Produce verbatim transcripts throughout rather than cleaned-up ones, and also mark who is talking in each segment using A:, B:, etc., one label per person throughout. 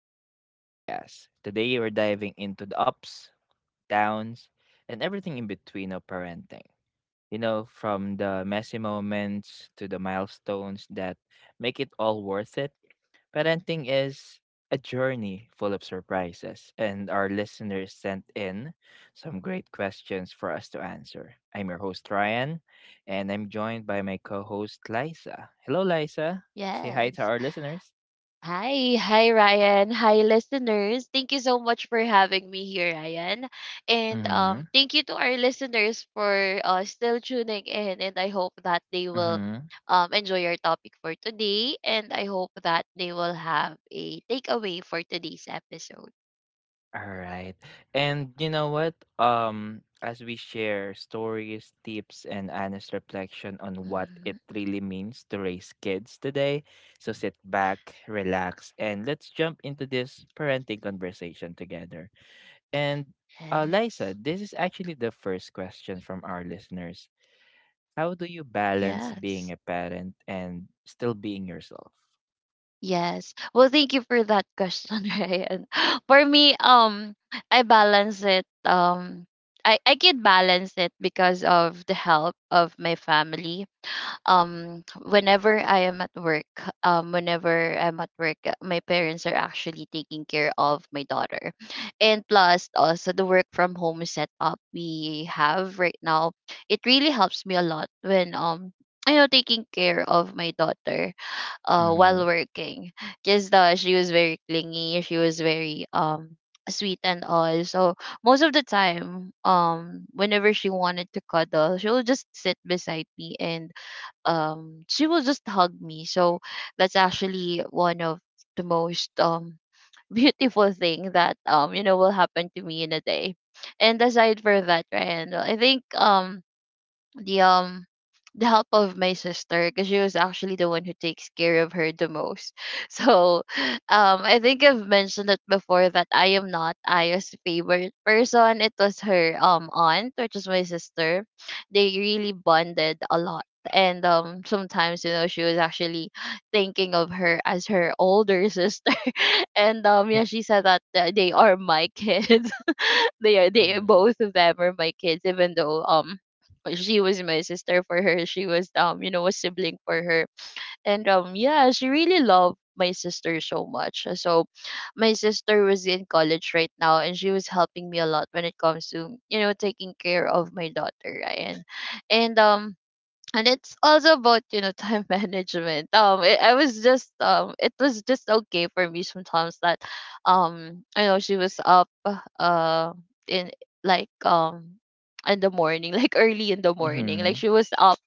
A: back to the podcast. Today we're diving into the ups, downs, and everything in between of parenting. You know, from the messy moments to the milestones that make it all worth it. Parenting is a journey full of surprises, and our listeners sent in some great questions for us to answer. I'm your host Ryan, and I'm joined by my co-host Liza. Hello, Liza. Say hi to
B: Yes.
A: our listeners.
B: Hi, hi Ryan. Hi listeners. Thank you so much for having me here, Ryan. And
A: Mm-hmm.
B: um thank you to our listeners for uh still tuning in, and I hope that they will
A: Mm-hmm.
B: um enjoy our topic for today, and I hope that they will have a takeaway for today's episode.
A: All right. And you know what? Um, as we share stories, tips, and honest reflection on what
B: Mhm.
A: it really means to raise kids today, so sit back, relax, and let's jump into this parenting conversation together. And uh, Liza,
B: Yes.
A: this is actually the first question from our listeners. How do you balance being
B: Yes.
A: a parent and still being yourself?
B: Yes. Well, thank you for that question, Ryan. For me, um, I balance it. Um, I I can balance it because of the help of my family. Um, whenever I am at work, um, whenever I'm at work, uh, my parents are actually taking care of my daughter, and plus also the work from home setup we have right now. It really helps me a lot when um. I know taking care of my daughter uh
A: Mm-hmm.
B: while working, because uh, she was very clingy, she was very um sweet and all. So most of the time, um whenever she wanted to cuddle, she will just sit beside me and um she will just hug me. So that's actually one of the most um beautiful thing that um you know will happen to me in a day. And aside for that Ryan, I think um the um the help of my sister, because she was actually the one who takes care of her the most. So um I think I've mentioned it before that I am not Aya's favorite person. It was her um aunt, which is my sister. They really bonded a lot. And um sometimes, you know, she was actually thinking of her as her older sister. And um yeah, she said that uh, they are my kids. they are they
A: Mm-hmm.
B: both of them are my kids, even though um she was my sister for her. She was, um, you know, a sibling for her. And um yeah, she really loved my sister so much. So my sister was in college right now, and she was helping me a lot when it comes to, you know, taking care of my daughter, Ryan. And um and it's also about, you know, time management. Um it, i was just um it was just okay for me sometimes that um I know she was up uh in like um in the morning, like early in the morning,
A: Mm-hmm.
B: like she was up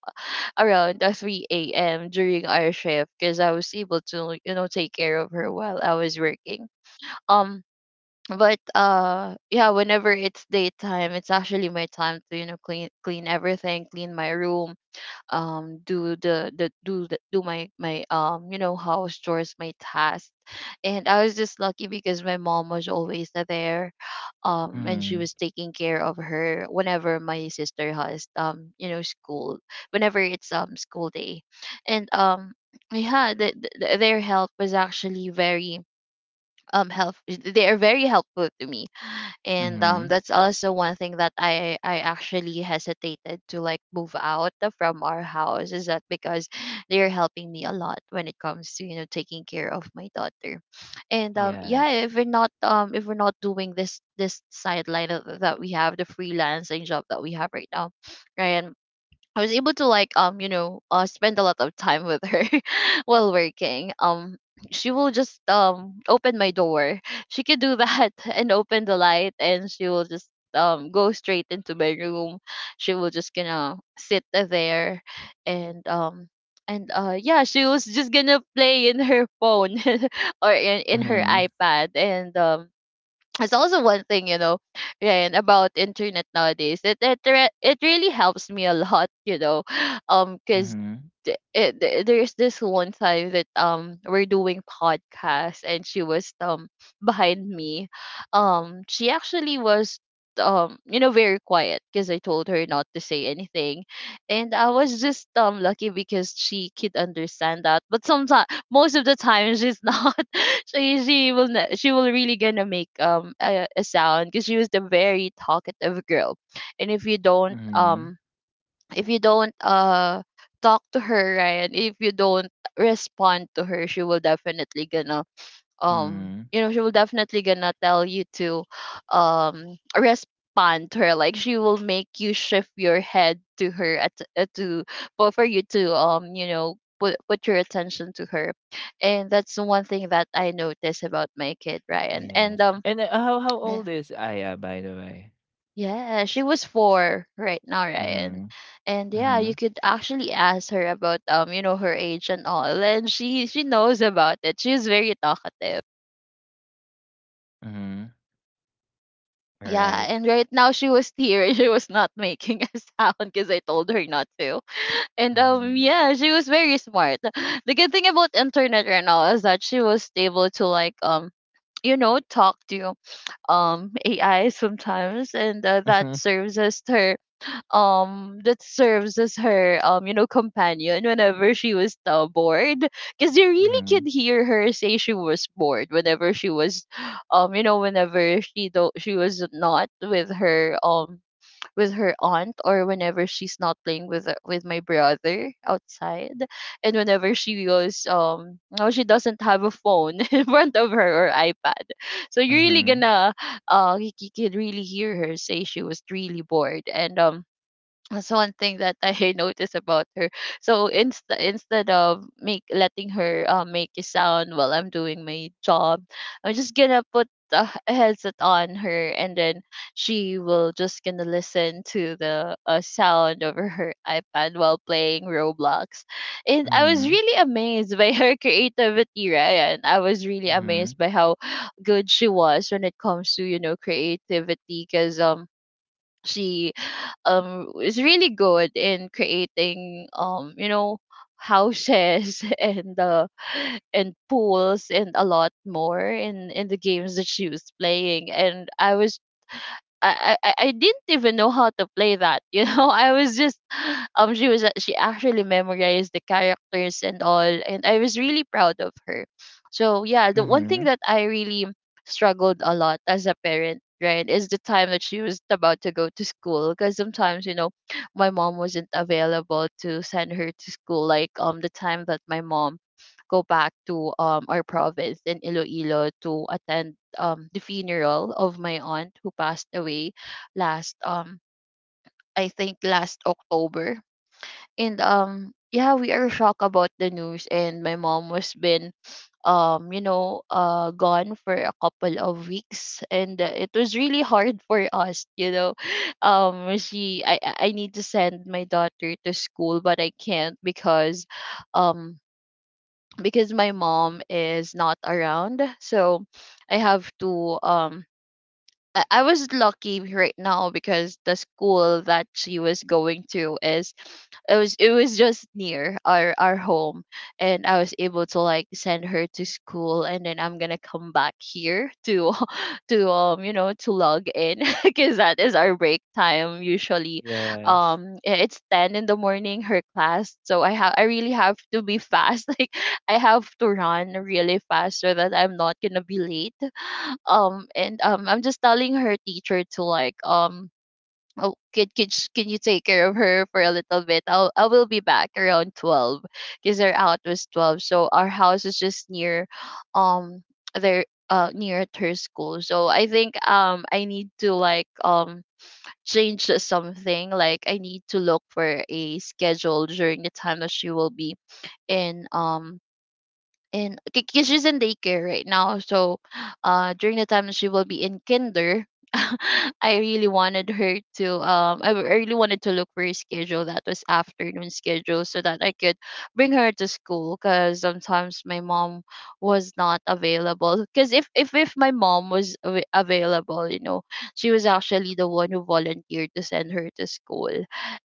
B: around uh, three a.m during our shift, because I was able to, you know, take care of her while I was working. Um but uh yeah, whenever it's daytime, it's actually my time to, you know, clean clean everything, clean my room, um do the the do the, do my my um you know house chores, my tasks. And I was just lucky because my mom was always there, um and she
A: Mm-hmm.
B: was taking care of her whenever my sister has, um you know, school, whenever it's um school day. And um yeah the, the, their help was actually very um help they are very helpful to me. And um
A: Mm-hmm.
B: that's also one thing that i i actually hesitated to like move out from our house, is that because they're helping me a lot when it comes to, you know, taking care of my daughter. And um yeah,
A: Yes.
B: if we're not um if we're not doing this this sideline of- that we have, the freelancing job that we have right now, right? I was able to like um you know uh spend a lot of time with her while working. Um she will just um open my door. She could do that and open the light, and she will just um go straight into my room. She will just gonna sit there, and um and uh yeah, she was just gonna play in her phone or in, in her
A: Mhm,
B: iPad. And um It's also one thing, you know. And about internet nowadays, it it, re- it really helps me a lot. You know, um because
A: mhm,
B: it, th- there's this one time that um we're doing podcast, and she was um behind me. Um she actually was, um you know, very quiet because I told her not to say anything. And I was just um lucky because she could understand that. But sometimes, most of the time, she's not. she she will not, she will really gonna make um a, a sound, because she was the very talkative girl. And if you don't
A: mhm,
B: um if you don't uh talk to her, right, if you don't respond to her, she will definitely gonna um
A: mhm,
B: you know she will definitely gonna tell you to um respond to her. Like, she will make you shift your head to her at uh, to for for you to, um you know, put put your attention to her. And that's the one thing that I noticed about my kid, Ryan. And
A: yes.
B: um
A: And, uh, how how
B: Yeah.
A: old is Aya, by the way?
B: Yeah, she was four right now, Ryan.
A: Mhm,
B: And yeah, you
A: mhm,
B: could actually ask her about, um you know, her age and all, and she she knows about it. She's very talkative.
A: mhm,
B: Yeah,
A: alright.
B: and right now she was here. She was not making a sound because I told her not to. And um,
A: Mhm,
B: yeah, she was very smart. The good thing about internet right now is that she was able to like, um, you know, talk to um A I sometimes, and uh, that
A: mhm,
B: serves as her um that serves as her um you know companion whenever she was, uh, bored. Because you really could
A: mhm,
B: hear her say she was bored whenever she was um you know whenever she do- she was not with her um with her aunt, or whenever she's not playing with the- with my brother outside, and whenever she goes um no, she doesn't have a phone in front of her or ipad. So you're really
A: mhm,
B: gonna uh you, c- you can really hear her say she was really bored. And um that's one thing that I noticed about her. So inst- instead of make letting her uh, make a sound while I'm doing my job, I'm just gonna put uh, a headset on her, and then she will just gonna listen to the uh, sound over her iPad while playing Roblox. And I was
A: mhm,
B: really amazed by her creativity, right? And I was really amazed
A: mhm,
B: by how good she was when it comes to, you know, creativity. Because um she um is really good in creating, um you know, houses and uh and pools and a lot more in in the games that she was playing. And I was I, I I I didn't even know how to play that. You know, I was just um she was a- she actually memorized the characters and all, and I was really proud of her. So yeah, the one thing
A: mhm,
B: that I really struggled a lot as a parent, right, is the time that she was about to go to school. Because sometimes, you know, my mom wasn't available to send her to school. Like um the time that my mom go back to um our province in Iloilo to attend um the funeral of my aunt who passed away last um I think last October. And um yeah, we are shocked about the news, and my mom was been, um you know, uh gone for a couple of weeks. And uh, it was really hard for us, you know. um she I I I need to send my daughter to school, but I can't, because um because my mom is not around. So I have to um I I was lucky right now because the school that she was going to is it was it was just near our our home. And I was able to like send her to school and then I'm gonna come back here to to um you know, to log in, because that is our break time usually.
A: yes.
B: Um i- it's ten in the morning her class, so I have I really have to be fast. Like, I have to run really fast so that I'm not gonna be late. Um and um I'm just telling her teacher to like, um oh, can, can, sh- can you take care of her for a little bit? i'll I will be back around twelve, because our out was twelve. So our house is just near, um their uh near at her school. So I think um I need to like um change something. Like, I need to look for a schedule during the time that she will be in, um and because she's in daycare right now. So uh during the time that she will be in kinder, I really wanted her to um i w- I really wanted to look for a schedule that was afternoon schedule so that I could bring her to school. Because sometimes my mom was not available, because if, if if my mom was av- available, you know, she was actually the one who volunteered to send her to school.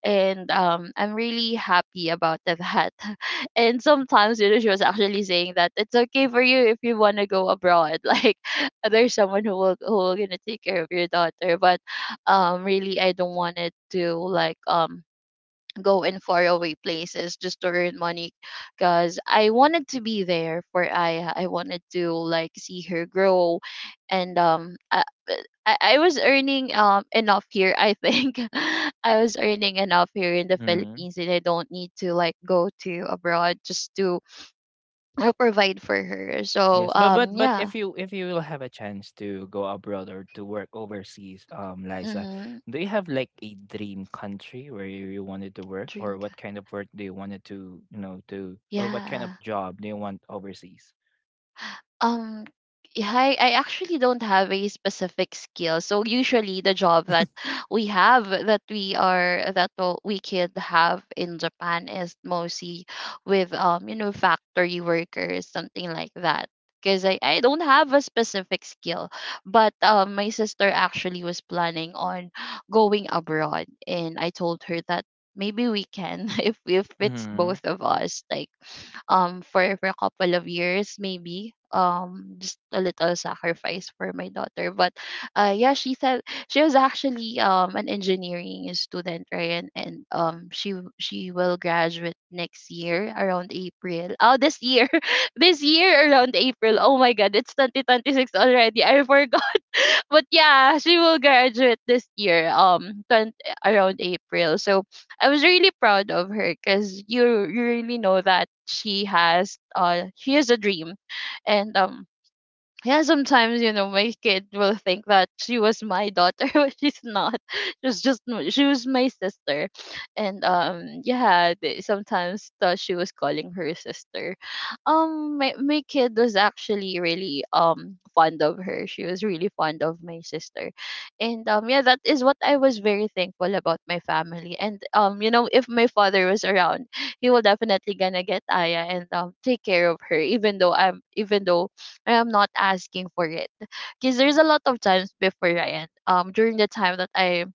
B: And um I'm really happy about that. And sometimes, you know, she was actually saying that it's okay for you if you want to go abroad. Like, there's someone who will who will gonna take care of your daughter. But, um, really, I don't want it to like um go in faraway places just to earn money, because I wanted to be there for Aya. I wanted to like see her grow. And um I, I I was earning um enough here, I think. I was earning enough here in the
A: Mhm.
B: Philippines, and I don't need to like go to abroad just to uh, provide for her. So
A: Yes, but but
B: um
A: but
B: yeah.
A: if you if you will have a chance to go abroad or to work overseas, um, Liza,
B: Mhm.
A: do you have like a dream country where you, you wanted to work,
B: Dream
A: or what
B: cat.
A: kind of work do you wanted to you know to, or what kind of
B: Yeah.
A: job do you want overseas?
B: Um, yeah, I, I actually don't have a specific skill. So usually the job that we have, that we are that w- we could have in Japan, is mostly with um, you know, factory workers, something like that. Because I, I don't have a specific skill. But um my sister actually was planning on going abroad, and I told her that maybe we can if if it's
A: Mm-hmm.
B: both of us, like um for for a couple of years, maybe. Um just a little sacrifice for my daughter. But uh yeah, she said she was actually um an engineering student, right? And, and um she w- she will graduate next year around April. Oh, this year. This year around April. Oh my god, it's twenty twenty-six already, I forgot. But yeah, she will graduate this year, um, twenty, around April. So I was really proud of her because you you really know that she has uh she has a dream. And um yeah, sometimes, you know, my kid will think that she was my daughter but she's not. She's just m- she was my sister. And um yeah, they sometimes thought she was calling her sister. Um, my my kid was actually really um fond of her. She was really fond of my sister. And um yeah, that is what I was very thankful about my family. And um you know, if my father was around, he will definitely gonna get Aya and um take care of her, even though I'm even though I am not asking for it. Because there's a lot of times before, Ryan, um, during the time that I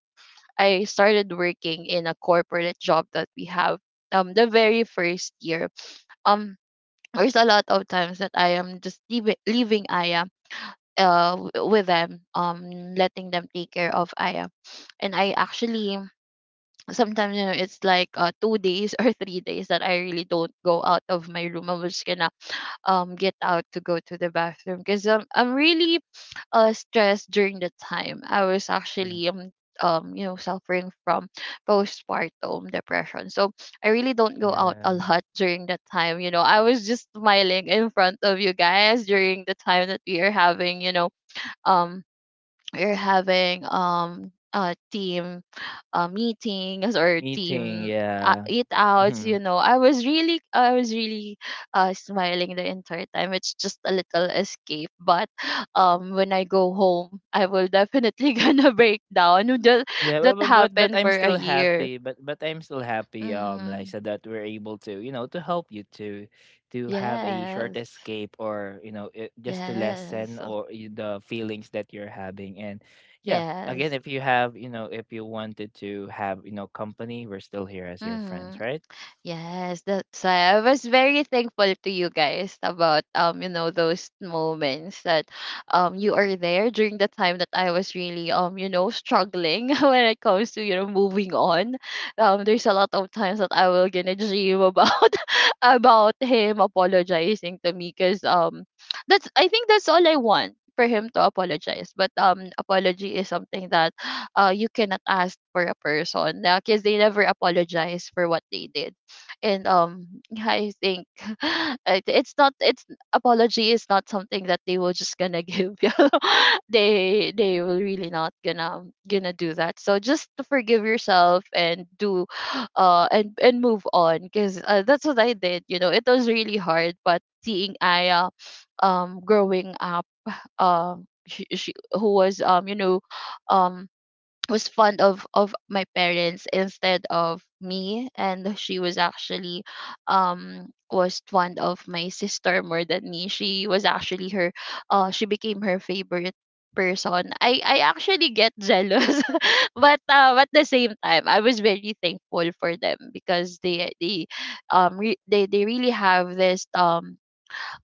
B: I started working in a corporate job that we have, um, the very first year, um, there's a lot of times that I am just leaving leaving Aya, uh, w- with them, um, letting them take care of Aya. And I actually sometimes, you know, it's like uh, two days or three days that I really don't go out of my room. I was gonna um get out to go to the bathroom because um, I'm really uh stressed during the time. I was actually um um you know, suffering from postpartum depression. So I really don't go out a
A: Yes,
B: lot during that time. You know, I was just smiling in front of you guys during the time that we are having, you know, um we're having um a team uh, meetings or
A: meeting,
B: team uh,
A: yeah.
B: eat outs.
A: Mm-hmm.
B: You know, i was really I was really uh, smiling the entire time. It's just a little escape. But um when I go home, I will definitely gonna break down. That
A: Yeah, but,
B: that
A: but but but
B: happened for
A: I'm
B: a
A: still
B: year.
A: happy. But but I'm still happy, um,
B: Mm-hmm.
A: Liza, that we're able to, you know, to help you to to have a short
B: Yes,
A: escape or you know it, just to
B: yes,
A: lessen or y- the feelings that you're having. And yeah, again,
B: yes.
A: if you have, you know, if you wanted to have, you know, company, we're still here as your friends,
B: Mm-hmm.
A: right?
B: Yes, that's why I was very thankful to you guys about um you know, those moments that um you are there during the time that I was really um you know, struggling when it comes to you know, moving on. Um, there's a lot of times that I will gonna dream about about him apologizing to me because um that's, I think that's all I want, for him to apologize. But um apology is something that uh, you cannot ask for a person because they never apologize for what they did. And um I think it, it's not it's apology is not something that they will just gonna give you know? they they will really not gonna gonna do that. So just to forgive yourself and do uh and and move on, because uh, that's what I did. You know, it was really hard, but seeing Aya um growing up, um she, she who was um you know, um was fond of of my parents instead of me. And she was actually um was fond of my sister more than me. She was actually her uh she became her favorite person. I i actually get jealous but uh, at the same time, I was very thankful for them because they they um re- they, they really have this um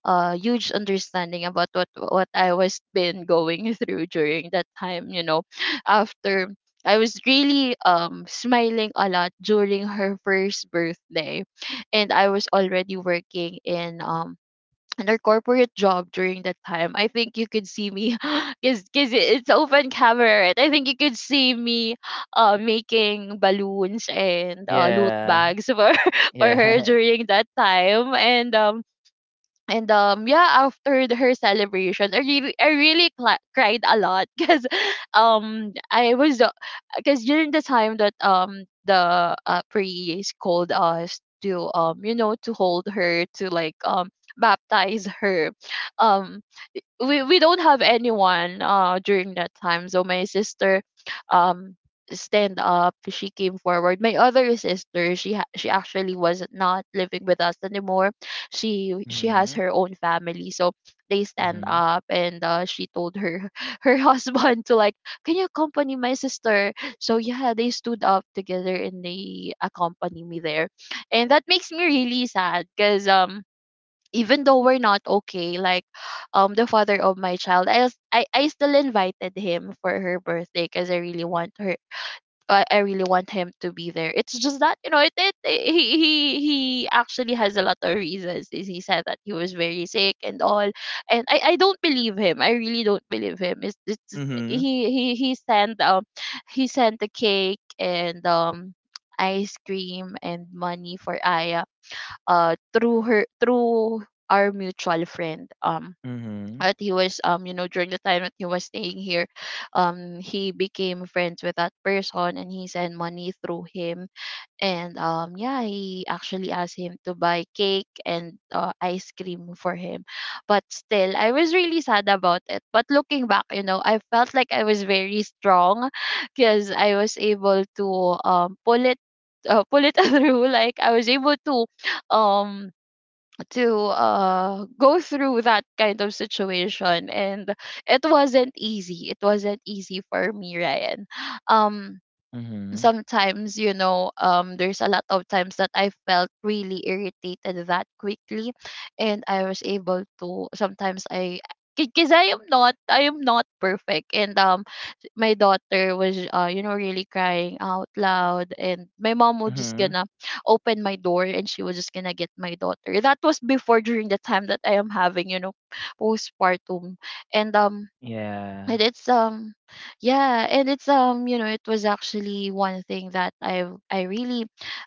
B: uh huge understanding about what what I was been going through during that time, you know. After, I was really um smiling a lot during her first birthday and I was already working in um another corporate job during that time. I think you could see me because it's open camera, right? I think you could see me uh making balloons and uh loot
A: Yeah.
B: bags for for her
A: Yeah.
B: during that time. And um and um yeah, after the- her celebration, I really I really cla cried a lot because um I was because during the time that um the uh, priest called us to um you know, to hold her, to like um baptize her. um we we don't have anyone uh during that time, so my sister um stand up, she came forward. My other sister, she ha- she actually was not living with us anymore. She she has
A: Mhm.
B: her own family. So they stand
A: Mhm.
B: up and uh, she told her her husband to like, can you accompany my sister? So yeah, they stood up together and they accompany me there. And that makes me really sad because um even though we're not okay, like um the father of my child, i s- i, I still invited him for her birthday because I really want her, I, I really want him to be there. It's just that you know, it, it he he he actually has a lot of reasons. Is he said that he was very sick and all, and i i don't believe him. I really don't believe him. It's, it's
A: Mhm.
B: he he he sent um he sent the cake and um ice cream and money for Aya uh through her through our mutual friend. Um
A: Mhm.
B: that he was um you know, during the time that he was staying here, um he became friends with that person, and he sent money through him. And um yeah, he actually asked him to buy cake and uh, ice cream for him. But still, I was really sad about it. But looking back, you know, I felt like I was very strong because I was able to um pull it uh, pull it through, like I was able to um to uh go through that kind of situation. And it wasn't easy. It wasn't easy for me, Ryan. um
A: Mhm.
B: sometimes, you know, um there's a lot of times that I felt really irritated that quickly. And I was able to sometimes I because i am not I am not perfect. And um my daughter was uh you know, really crying out loud, and my mom was just
A: Mhm.
B: gonna open my door, and she was just gonna get my daughter. That was before, during the time that I am having, you know, postpartum. And um and
A: Yeah.
B: it's um yeah, and it's um you know, it was actually one thing that I I really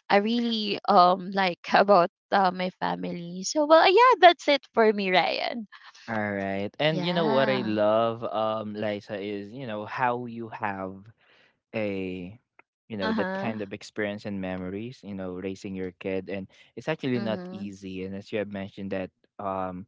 B: I really um like about uh, my family. So well, yeah, that's it for me, Ryan.
A: All right. And you know what I
B: Yeah.
A: love, um, Liza, is you know how you have a, you
B: Uh
A: know, that
B: huh.
A: kind of experience and memories. You know, raising your kid, and it's actually not
B: Mhm.
A: easy. And as you have mentioned that, um.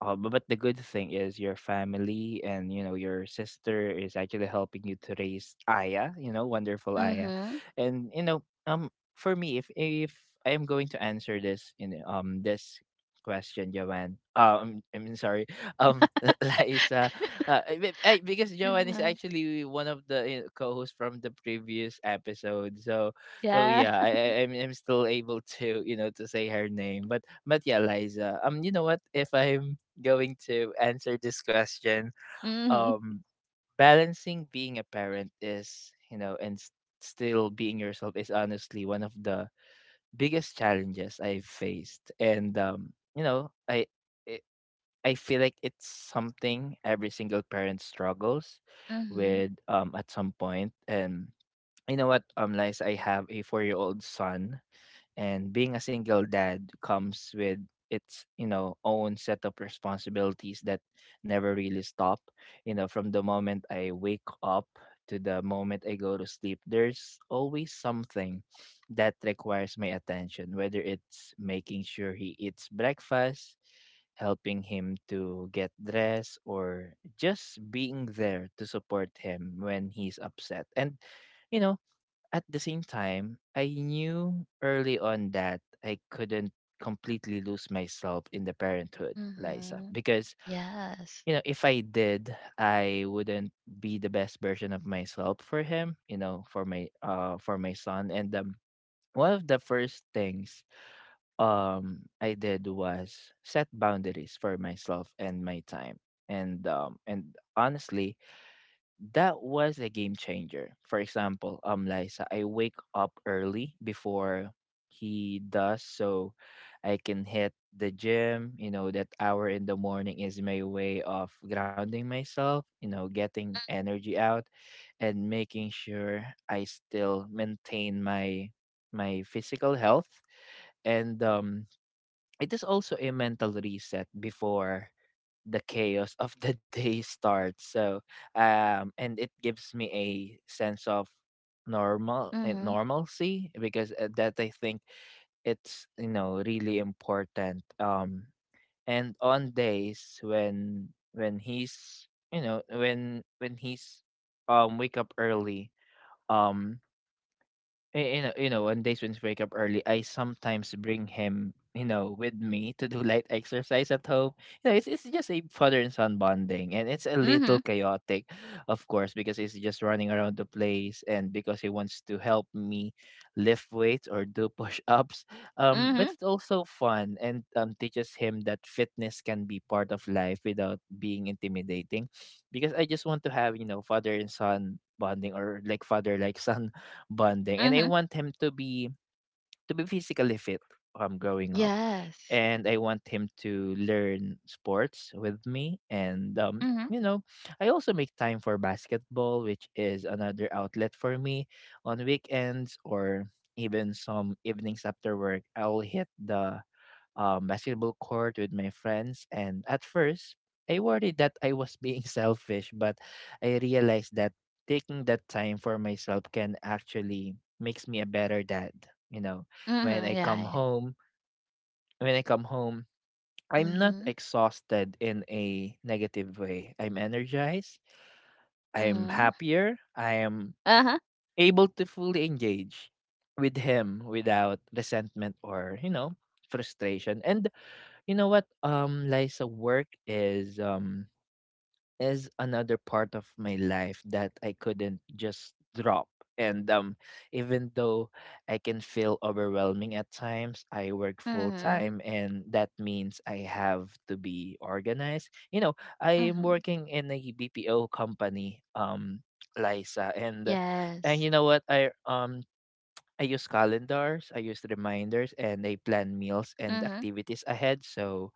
A: Uh, but but the good thing is your family and you know your sister is actually helping you to raise Aya, you know, wonderful Aya,
B: Mhm.
A: and you know, um, for me, if if I am going to answer this in um this question, Joanne, uh, um, I mean sorry, um, Liza, uh, I, be- I, because Joanne is
B: Yeah.
A: actually one of the uh, co-hosts from the previous episode, so so
B: Yeah.
A: yeah, I, I I'm, I'm still able to you know to say her name, but but yeah, Liza, um, you know what, if I'm going to answer this question.
B: Mhm.
A: Um, Balancing being a parent is, you know, and s- still being yourself is honestly one of the biggest challenges I've faced. And um, you know, I it, I feel like it's something every single parent struggles
B: Mhm.
A: with um at some point. And you know what, um, Liza, I have a four-year-old son and being a single dad comes with its you know own set of responsibilities that never really stop. You know, from the moment I wake up to the moment I go to sleep, there's always something that requires my attention, whether it's making sure he eats breakfast, helping him to get dressed, or just being there to support him when he's upset. And you know, at the same time, I knew early on that I couldn't completely lose myself in the parenthood, Liza.
B: Mhm.
A: Because,
B: Yes.
A: you know, if I did, I wouldn't be the best version of myself for him, you know, for my uh for my son. And um one of the first things um I did was set boundaries for myself and my time. And um and honestly, that was a game changer. For example, um, Liza, I wake up early before he does, so I can hit the gym. You know, that hour in the morning is my way of grounding myself. You know, getting energy out and making sure I still maintain my my physical health. And um it is also a mental reset before the chaos of the day starts. So, um, and it gives me a sense of normal uh,
B: Mhm.
A: normalcy because uh, that I think it's you know really important. Um, and on days when when he's you know when when he's um wake up early, um. Y- you know, you know, on days when we wake up early, I sometimes bring him, you know, with me to do light exercise at home. You know, it's it's just a father and son bonding, and it's a little
B: Mhm.
A: chaotic, of course, because he's just running around the place, and because he wants to help me lift weights or do push ups. Um, but
B: Mhm.
A: it's also fun and um teaches him that fitness can be part of life without being intimidating, because I just want to have you know father and son bonding or like father like son bonding, and I
B: Mhm.
A: want him to be to be physically fit um growing up.
B: Yes.
A: And I want him to learn sports with me. And um,
B: Mhm.
A: you know, I also make time for basketball, which is another outlet for me on weekends or even some evenings after work. I'll hit the um, basketball court with my friends. And at first, I worried that I was being selfish, but I realized that taking that time for myself can actually makes me a better dad. You know, when
B: Mhm.
A: I come
B: Yeah.
A: home, when I come home, I'm not
B: Mhm.
A: exhausted in a negative way. I'm energized. I'm
B: Mhm.
A: happier. I am
B: Uh huh.
A: able to fully engage with him without resentment or, you know, frustration. And you know what, um, Liza, work is um is another part of my life that I couldn't just drop. And um, even though I can feel overwhelming at times, I work full
B: Mhm.
A: time, and that means I have to be organized. You know, I am
B: Mhm.
A: working in a B P O company, um, Liza, and and
B: Yes.
A: you know what, I um. I use calendars, I use reminders, and I plan meals and
B: Mhm.
A: activities ahead. So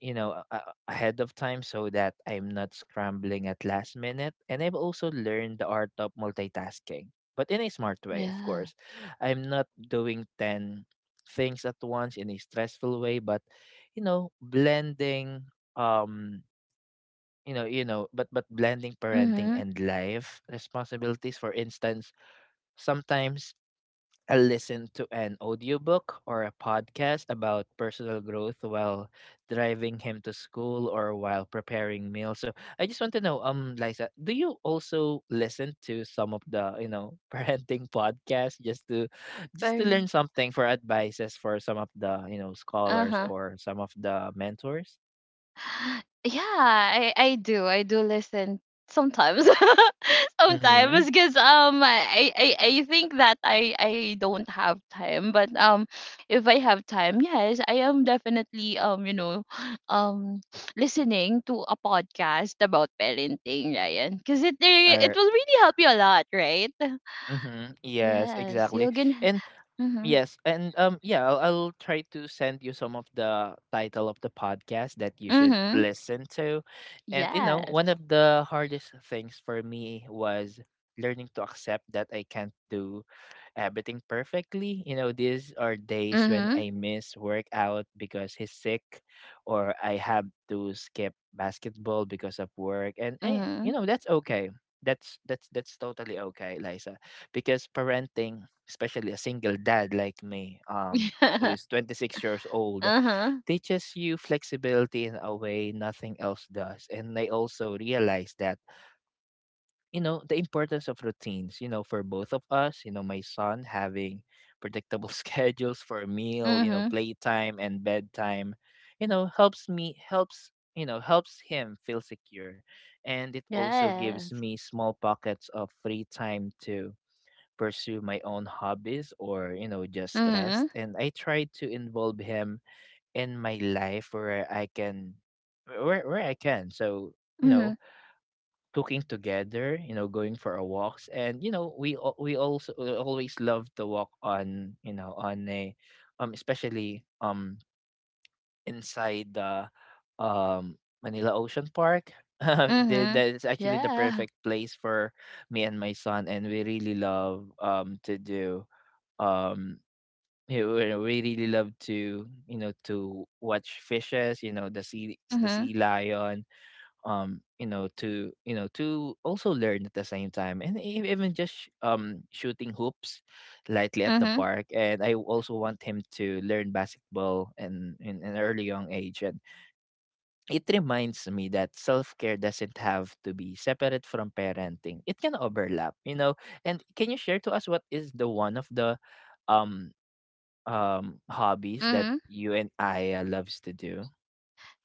A: you know a- a- ahead of time so that I'm not scrambling at last minute. And I've also learned the art of multitasking, but in a smart way, of
B: Yeah.
A: course. I'm not doing ten things at once in a stressful way, but you know blending um you know you know but but blending parenting
B: Mhm.
A: and life responsibilities. For instance, sometimes I listen to an audiobook or a podcast about personal growth while driving him to school or while preparing meals. So I just want to know, um, Liza, do you also listen to some of the, you know, parenting podcasts, just to just to
B: Fair.
A: learn something for advices for some of the, you know,
B: Uh
A: scholars
B: huh.
A: or some of the mentors?
B: Yeah, I I do. I do listen sometimes.
A: Mm-hmm.
B: Sometimes, because um, I, I I think that I I don't have time. But um, if I have time, yes, I am definitely um, you know, um, listening to a podcast about parenting, Ryan, because it re- it
A: Or
B: will really help you a lot, right?
A: mm-hmm. Yes,
B: Yes,
A: exactly.
B: you can.
A: And yes, and um, yeah, I'll, I'll try to send you some of the title of the podcast that you should
B: Mm-hmm.
A: listen to. And you know,
B: Yes.
A: one of the hardest things for me was learning to accept that I can't do everything perfectly. You know, these are days when
B: Mhm,
A: I miss workout because he's sick, or I have to skip basketball because of work. And eh,
B: mhm.
A: you know, that's okay. That's that's that's totally okay, Liza. Because parenting, especially a single dad like me, um, who
B: Yeah.
A: is twenty six years old,
B: Uh-huh.
A: teaches you flexibility in a way nothing else does. And I also realized that you know the importance of routines, you know, for both of us. You know, my son having predictable schedules for meal, you know,
B: Mhm.
A: playtime and bedtime, you know, helps me helps you know helps him feel secure. And it also gives
B: Yes.
A: me small pockets of free time to pursue my own hobbies or you know just rest.
B: Mhm,
A: And I try to involve him in my life where I can, where where I can. So you know,
B: mhm,
A: cooking together, you know, going for a walks, and you know, we al- we also we always love to walk on, you know, on a, um, especially um inside the, um Manila Ocean Park. The-
B: mhm.
A: that is actually the
B: Yeah.
A: perfect place for me and my son, and we really love um to do um you know, we we really love to you know to watch fishes, you know, the sea the
B: Mhm,
A: sea lion, um you know, to you know to also learn at the same time. And e- even just sh- um shooting hoops lightly at the
B: mhm,
A: park. And I also want him to learn basketball and in an early young age. And it reminds me that self-care doesn't have to be separate from parenting, it can overlap, you know. And can you share to us what is the one of the um um hobbies that
B: mhm.
A: you and I loves to do?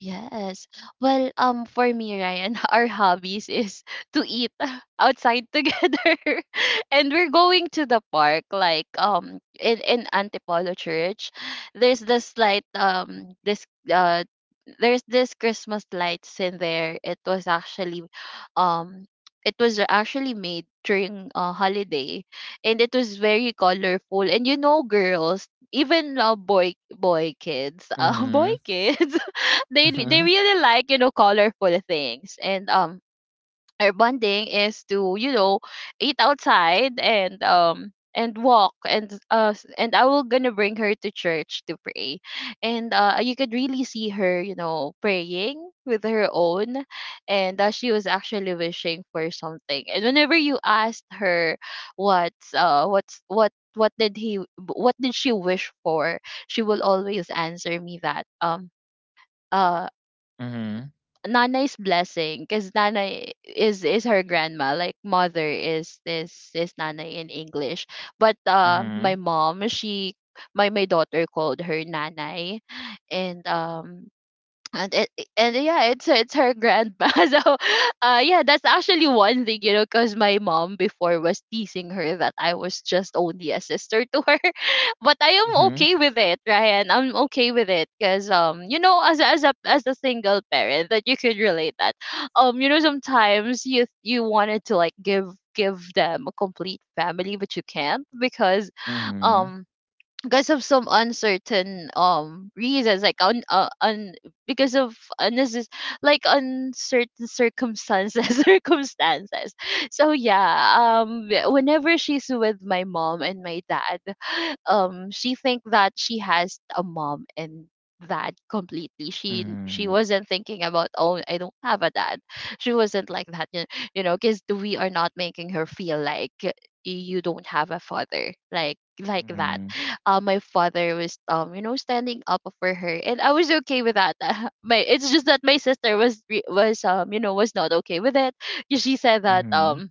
B: Yes. Well, um, for me, Ryan, our hobbies is to eat outside together, and we're going to the park. Like, um, in in Antipolo Church, there's this light, um, this uh, there's this Christmas lights in there. It was actually, um, it was actually made during a holiday, and it was very colorful. And you know, girls, even uh, boy boy kids, uh, boy
A: Mm-hmm.
B: kids they li- they
A: Mm-hmm.
B: really like, you know, colorful things. And um our bonding is to, you know, eat outside and um and walk and uh s- and I will gonna bring her to church to pray. And uh you could really see her, you know, praying with her own. And uh, she was actually wishing for something, and whenever you asked her what's uh what's what what did he what did she wish for, she will always answer me that um uh
A: Mm-hmm.
B: nanay's blessing, because nanay is is her grandma. Like, mother is is is nanay in English. But uh,
A: Mm-hmm.
B: my mom, she, my my daughter called her nanay. And um and it, it- and yeah, it's it's her grandpa. So, uh, yeah, that's actually one thing, you know, because my mom before was teasing her that I was just only a sister to her, but I am
A: Mm-hmm.
B: okay with it, Ryan. I'm okay with it because um, you know, as a- as a as a single parent, that you could relate that, um, you know, sometimes you you wanted to, like, give give them a complete family, but you can't because,
A: Mhm,
B: um, because of some uncertain um reasons like un, uh, un because of unnecess- like uncertain circumstances circumstances. So yeah, um whenever she's with my mom and my dad, um she think that she has a mom, and that completely she she
A: mhm,
B: wasn't thinking about, oh, I don't have a dad. She wasn't like that. Y- you know, because we are not making her feel like you don't have a father, like like that.
A: mhm,
B: Uh, my father was, um you know, standing up for her, and I was okay with that. my It's just that my sister was re- was, um you know, was not okay with it. 'Cause she said that
A: mhm,
B: um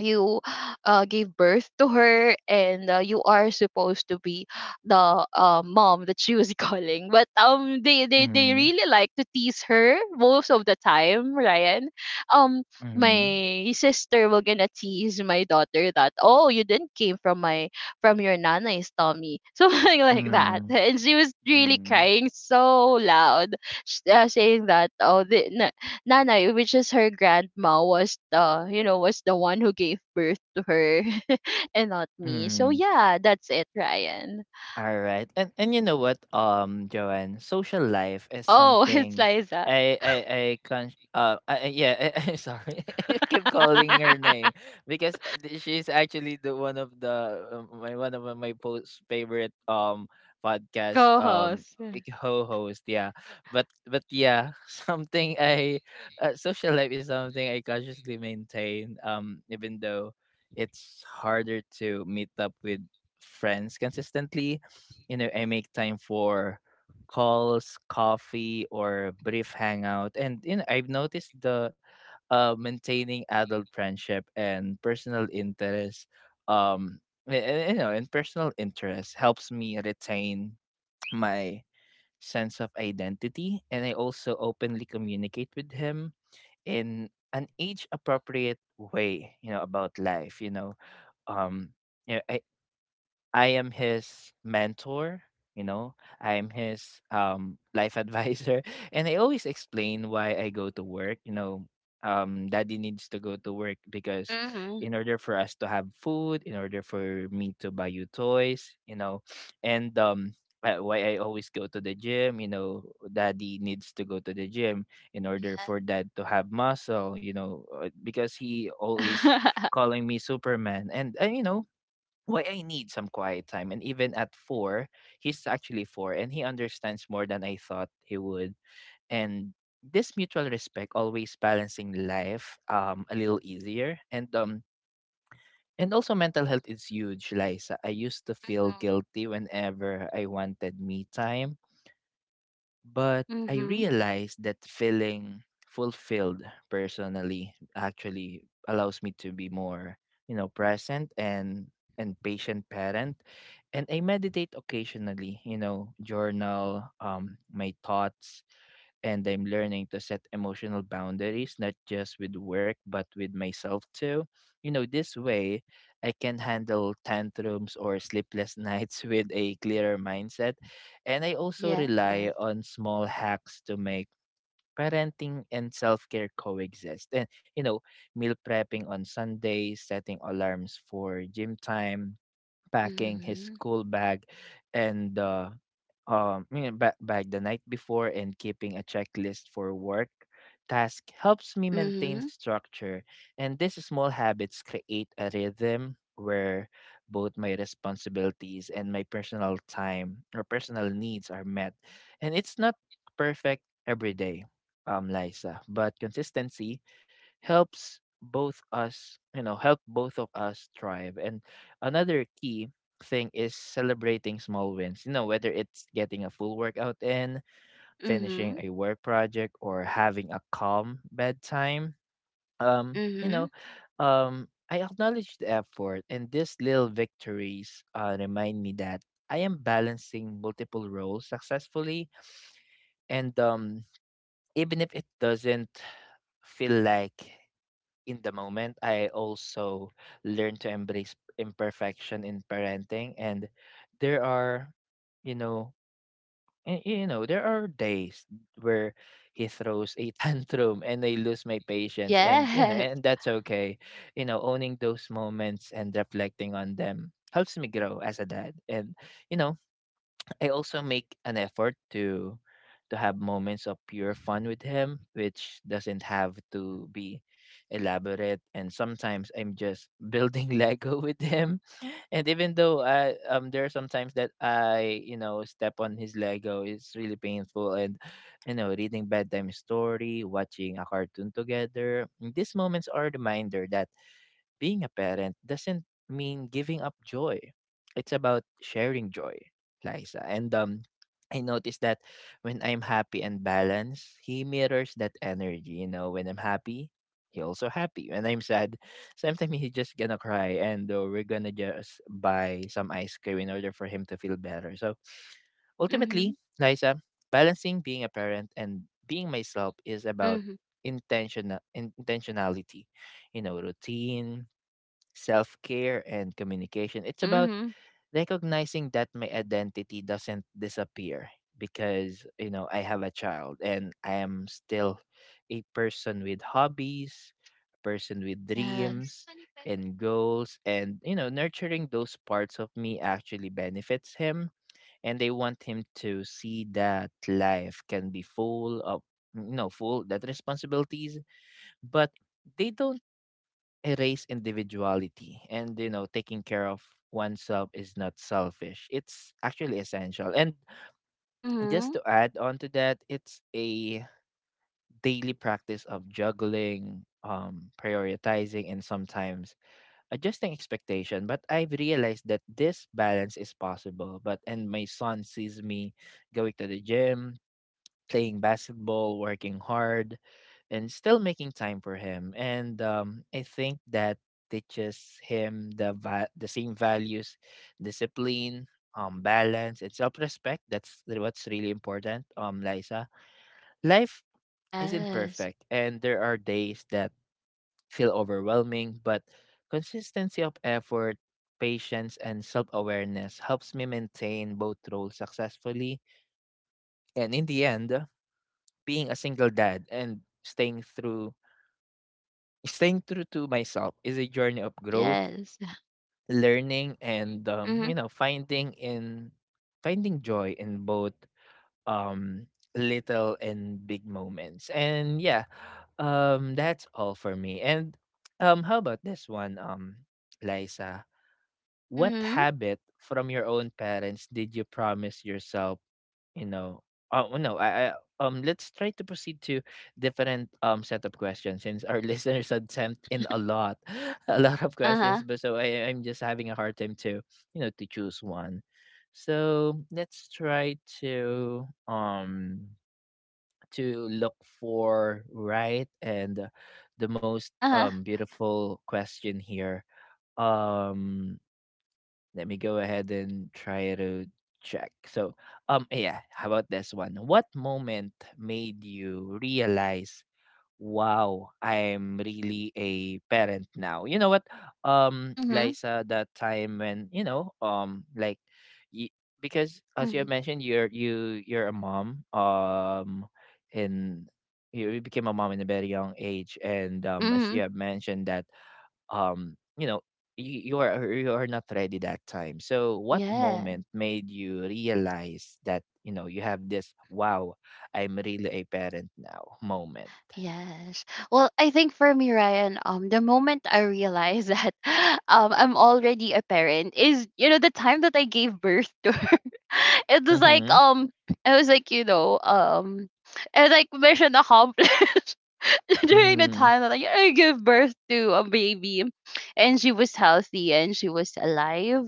B: you uh, gave birth to her, and uh, you are supposed to be the uh, mom that she was calling. But um they, they they
A: mhm,
B: really like to tease her most of the time, Ryan. um
A: mhm,
B: my sister will gonna tease my daughter that, oh, you didn't came from my, from your nana's tummy, something like that,
A: mhm,
B: and she was really
A: mhm,
B: crying so loud. S- uh, saying that, oh, the Nanay, which is her grandma, was the, you know, was the one who gave birth to her, and not me. So
A: mhm.
B: yeah, that's it, Ryan.
A: All right. And and you know what, um, Joanne, social life is
B: Oh, it's
A: something
B: Liza,
A: I I I can uh I, I- yeah, I, am sorry. I keep calling her name because uh, th- she's actually the one of the uh, my one of uh, my post favorite um podcast, um
B: co-host.
A: like, co-host. Yeah, but but yeah, something I uh, social life is something I consciously maintain, um even though it's harder to meet up with friends consistently. You know, I make time for calls, coffee, or brief hangout. And you know, I've noticed the uh, maintaining adult friendship and personal interest. Um, a- a- you know, and personal interest helps me retain my sense of identity, and I also openly communicate with him in an age appropriate way. You know about life. You know, um, yeah, I I am his mentor. You know, I am his um, life advisor. And I always explain why I go to work. You know, um, daddy needs to go to work because
B: Mhm.
A: in order for us to have food, in order for me to buy you toys, you know, and um, uh, why I always go to the gym. You know, daddy needs to go to the gym in order for dad to have muscle. You know, uh, because he always calling me Superman. And, and you know, why I need some quiet time. And even at four, he's actually four and he understands more than I thought he would. And this mutual respect always balancing life um a little easier. And um and also mental health is huge, Liza. I used to feel guilty whenever I wanted me time, but I
B: Mhm.
A: realized that feeling fulfilled personally actually allows me to be more, you know, present and and patient parent. And I meditate occasionally, you know, journal um my thoughts, and I'm learning to set emotional boundaries, not just with work, but with myself too. You know, this way I can handle tantrums or sleepless nights with a clearer mindset. And I also
B: Yes.
A: rely on small hacks to make parenting and self-care coexist. And you know, meal prepping on Sundays, setting alarms for gym time, packing his
B: Mhm.
A: school bag and uh, um, you know, ba- bag the night before, and keeping a checklist for work task helps me maintain
B: Mhm.
A: structure. And these small habits create a rhythm where both my responsibilities and my personal time or personal needs are met. And it's not perfect every day, um, Liza, but consistency helps both us, you know, help both of us thrive. And another key thing is celebrating small wins. You know, whether it's getting a full workout in, finishing
B: Mhm.
A: a work project, or having a calm bedtime. Um, you
B: Mhm.
A: know, um, I acknowledge the effort, and these little victories uh, remind me that I am balancing multiple roles successfully. And um, Even if it doesn't feel like in the moment. I also learned to embrace imperfection in parenting, and there are, you know, y- you know, there are days where he throws a tantrum and I lose my patience, and you know,
B: Yes.
A: and that's okay. You know, owning those moments and reflecting on them helps me grow as a dad, and you know I also make an effort to to have moments of pure fun with him, which doesn't have to be elaborate. And sometimes I'm just building Lego with him, and even though I um there are sometimes that I you know step on his Lego, it's really painful. And you know reading bedtime story, watching a cartoon together. These moments are a reminder that being a parent doesn't mean giving up joy. It's about sharing joy, Liza. And um, I noticed that when I'm happy and balanced, he mirrors that energy. You know, when I'm happy, he also happy. When I'm sad, sometimes he just gonna cry, and uh, we're gonna just buy some ice cream in order for him to feel better. So
B: Mhm.
A: ultimately, Liza, balancing being a parent and being myself is about
B: Mhm.
A: intentional intentionality, you know, routine, self care, and communication. It's about
B: Mhm.
A: recognizing that my identity doesn't disappear because, you know, I have a child and I am still a person with hobbies, person with
B: Yes.
A: dreams and goals. And, you know, nurturing those parts of me actually benefits him. And they want him to see that life can be full of, you know, full that responsibilities, but they don't erase individuality, and you know taking care of oneself is not selfish, it's actually essential. And just
B: Mhm.
A: to add on to that, it's a daily practice of juggling, um prioritizing, and sometimes adjusting expectation, but I've realized that this balance is possible. But and my son sees me going to the gym, playing basketball, working hard, and still making time for him. And um, I think that teaches him the va- the same values, discipline, um, balance, and self respect. That's the- what's really important. Um, Liza, life isn't
B: Yes.
A: perfect, and there are days that feel overwhelming, but consistency of effort. Patience and self awareness helps me maintain both roles successfully. And in the end, being a single dad and staying through staying true to myself is a journey of growth,
B: Yes.
A: learning, and um, you
B: Mhm.
A: know, finding in finding joy in both um little and big moments. And yeah, um that's all for me. And um how about this one, um, Liza? What
B: Mhm.
A: habit from your own parents did you promise yourself, you know, oh no, I, I um let's try to proceed to different um set of questions, since our listeners had sent in a lot, a lot of questions.
B: Uh-huh.
A: But so I I'm just having a hard time to, you know, to choose one. So let's try to um to look for right and the most
B: Uh-huh.
A: um beautiful question here. Um, let me go ahead and try to check. So, um, yeah, how about this one? What moment made you realize, wow, I'm really a parent now? You know what, um,
B: Mhm.
A: Liza, that time when, you know, um, like, y- because as you have
B: Mhm.
A: mentioned, you're you you're a mom, um, and you you became a mom in a very young age, and um, as you
B: Mhm.
A: have mentioned that, um, you know, you, you are you are not ready that time, so what
B: Yeah.
A: moment made you realize that, you know, you have this wow, I'm really a parent now moment?
B: Yes. Well, I think for me, Ryan, um, the moment I realized that um I'm already a parent is, you know, the time that I gave birth to her. It was like,
A: Mhm,
B: um I was like, you know, um it was like mission accomplished during the
A: mhm,
B: time that I, I gave birth to a baby, and she was healthy and she was alive.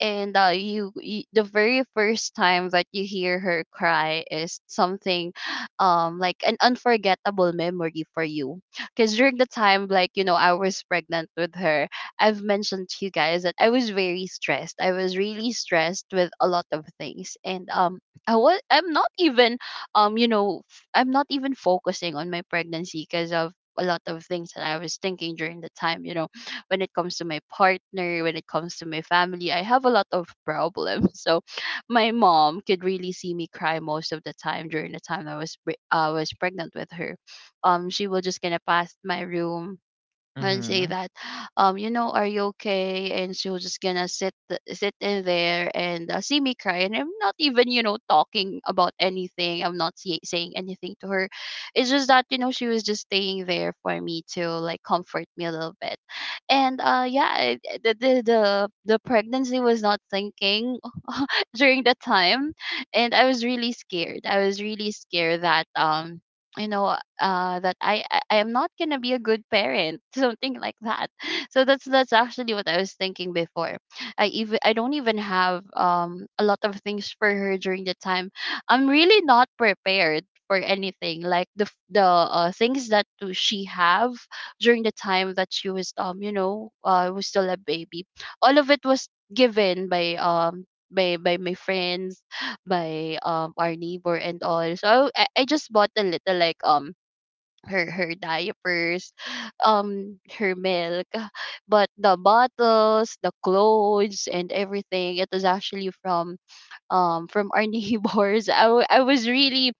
B: And uh, you, you, the very first time that you hear her cry, is something um like an unforgettable memory for you. Because during the time, like, you know, I was pregnant with her, I've mentioned to you guys that I was very stressed. I was really stressed with a lot of things. And um i was i'm not even um you know f- I'm not even focusing on my pregnancy because of a lot of things that I was thinking during the time. You know, when it comes to my partner, when it comes to my family, I have a lot of problems. So my mom could really see me cry most of the time during the time I was pre- I was pregnant with her. Um, she will just gonna pass my room and say
A: mhm,
B: that, um, you know, are you okay? And she was just gonna sit th- sit in there and uh, see me cry, and I'm not even, you know, talking about anything. I'm not say- saying anything to her. It's just that, you know, she was just staying there for me to, like, comfort me a little bit. And uh, yeah, it, it- the, the the the pregnancy was not thinking during the time, and I was really scared. I was really scared that um. You know, uh, that I, I I am not gonna be a good parent, something like that. So that's that's actually what I was thinking before. I even I don't even have um a lot of things for her during the time. I'm really not prepared for anything, like the f- the uh, things that do she have during the time that she was, um you know, uh was still a baby. All of it was given by um by by my friends, by um our neighbor and all. So I, I just bought a little, like, um her her diapers, um, her milk, but the bottles, the clothes, and everything. It was actually from um from our neighbors. I wa- I was really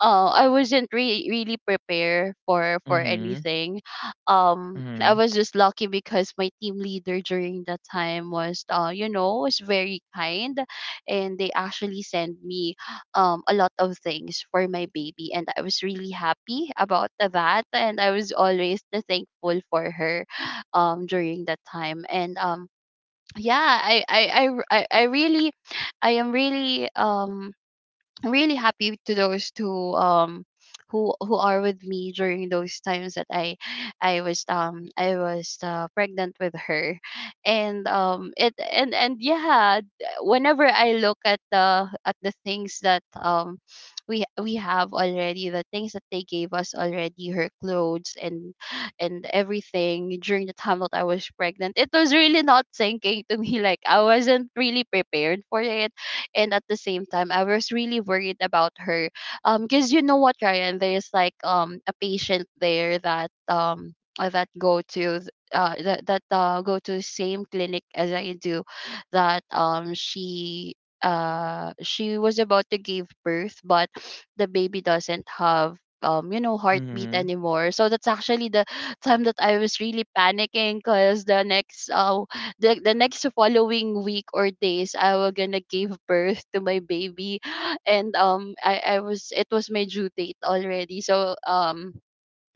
B: uh, I wasn't re really prepared for for
A: mhm,
B: anything. Um, I
A: mhm,
B: was just lucky because my team leader during that time was, uh you know, was very kind, and they actually sent me um a lot of things for my baby, and I was really happy about that, and I was always the thankful for her, um during that time. And um yeah, I I I r- I, I really, I am really um I'm really happy to those who um who who are with me during those times that I I was um I was, uh, pregnant with her. And um it and and yeah, whenever I look at the, at the things that, um we we have already, the things that they gave us already, her clothes and and everything, during the time that I was pregnant, it was really not sinking to me. Like, I wasn't really prepared for it. And at the same time, I was really worried about her. Um, because, you know what, Ryan, there's like um a patient there that, um uh, that go to th- uh that, that uh go to the same clinic as I do, that um she uh she was about to give birth, but the baby doesn't have, um you know, heartbeat
A: mhm,
B: anymore. So that's actually the time that I was really panicking, because the next, uh the, the next following week or days, I was gonna give birth to my baby. And um I, I was it was my due date already. So um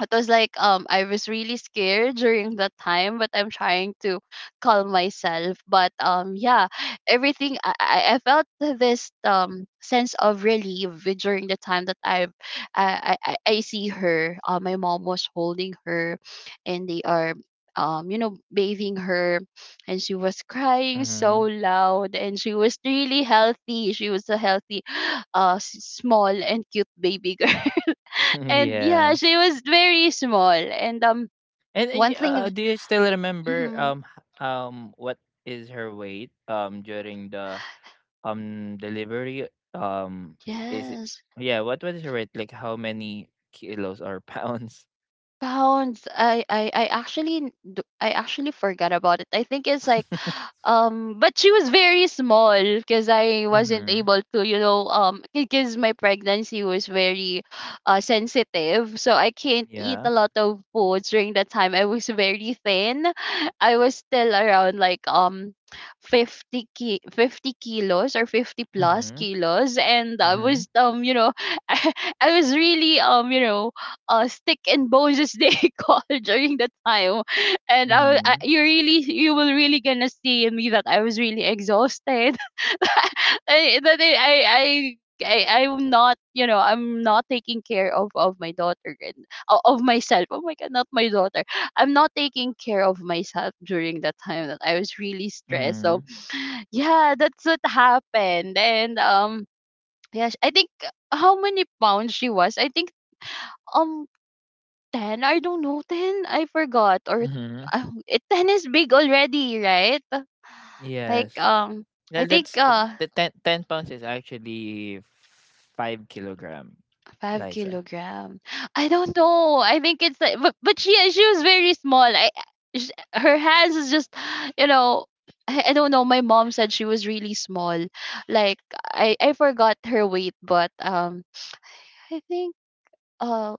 B: it was like, um I was really scared during that time, but I'm trying to calm myself. But um yeah, everything, I I I felt this um sense of relief during the time that I've I I, I I see her. Uh, my mom was holding her, and they are, um you know, bathing her, and she was crying so
A: mhm.
B: loud, and she was really healthy. She was a healthy uh s- small and cute baby girl. And yeah,
A: Yes.
B: she was very small. And um,
A: And, and
B: one
A: y- uh, uh,
B: thing.
A: do you still remember
B: Mhm.
A: um h- um what is her weight um during the um delivery? um is it,
B: Yes,
A: yeah, what was it like? How many kilos or pounds?
B: pounds. I I I actually n- d- I actually forgot about it. I think it's like, um, but she was very small because I wasn't
A: Mm-hmm.
B: able to, you know, um, because my pregnancy was very uh, sensitive. So I can't eat a
A: Yeah.
B: lot of food during that time. I was very thin. I was still around like um fifty ki- fifty kilos or fifty plus
A: Mm-hmm,
B: kilos, and I was,
A: mm-hmm,
B: um you know, I, I was really, um you know, uh stick and bones, as they call during that time. And I, wa-
A: mm-hmm,
B: I, you really, you will really gonna see in me that I was really exhausted. I, that I, I I I I'm not, you know, I'm not taking care of of my daughter and o- of myself. Oh my god, not my daughter. I'm not taking care of myself during that time that I was really
A: mm-hmm,
B: stressed. So yeah, that's what happened. And um yeah, I think, uh, how many pounds she was? I think um ten? I don't know, ten? I forgot. Or
A: mm-hmm.
B: uh, it- ten is big already, right? Like,
A: Yes.
B: um, I
A: that,
B: think,
A: that's uh,
B: uh,
A: the ten ten pounds is actually five kilogram,
B: five
A: Liza.
B: kilogram. I don't know. I think it's like, but, but she, she was very small. I, sh, her hands is just, you know, I, I don't know. My mom said she was really small. Like, I, I forgot her weight. But um, I think, uh,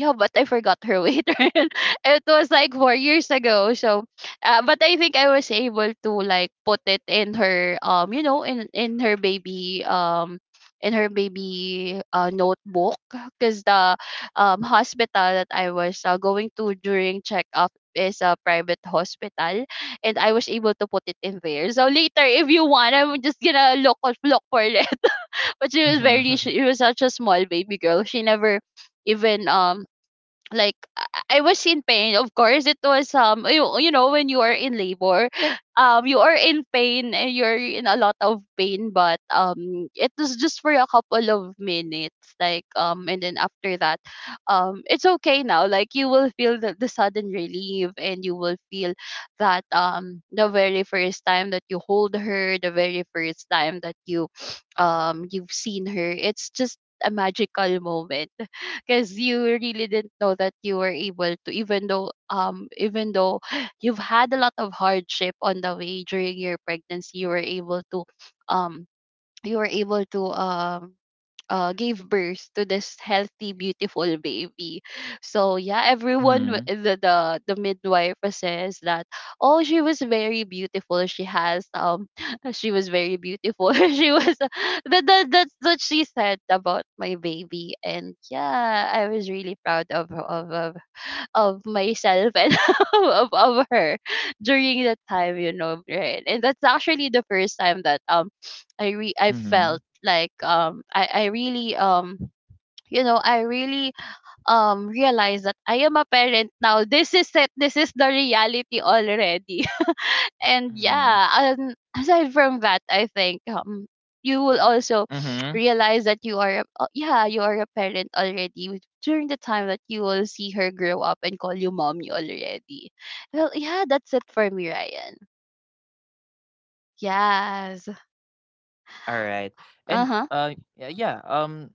B: yeah, but I forgot her weight. It was like four years ago. So, uh, but I think I was able to like put it in her um, you know, in in her baby um, in her baby uh notebook, because the um hospital that I was uh, going to during checkup is a private hospital, and I was able to put it in there. So later, if you want, I'm just gonna look look for it. But she was very
A: Mm-hmm,
B: she was such a small baby girl. She never even um like I I was in pain. Of course, it was um you, you know when you are in labor, um you are in pain and you're in a lot of pain. But um it was just for a couple of minutes, like um and then after that, um it's okay now. Like you will feel the, the sudden relief and you will feel that um the very first time that you hold her, the very first time that you um you've seen her, it's just a magical moment, because you really didn't know that you were able to, even though um even though you've had a lot of hardship on the way during your pregnancy, you were able to um you were able to um uh, gave birth to this healthy, beautiful baby. So yeah, everyone w-
A: mm-hmm,
B: the the, the midwife says that, oh, she was very beautiful. She has um she was very beautiful. she was that that that's what she said about my baby, and yeah, I was really proud of of, of of myself and of, of her during that time, you know, right? And that's actually the first time that um I re I felt like um I I really um you know I really um realize that I am a parent now. This is it. This is the reality already. And
A: mm-hmm,
B: yeah, um, aside from that, I think um you will also
A: mm-hmm.
B: realize that you are a, uh, yeah, you are a parent already with- during the time that you will see her grow up and call you mommy already. Well, yeah, that's it for me, Ryan. Yes.
A: All right.
B: Uh
A: and
B: huh.
A: uh yeah, yeah, um,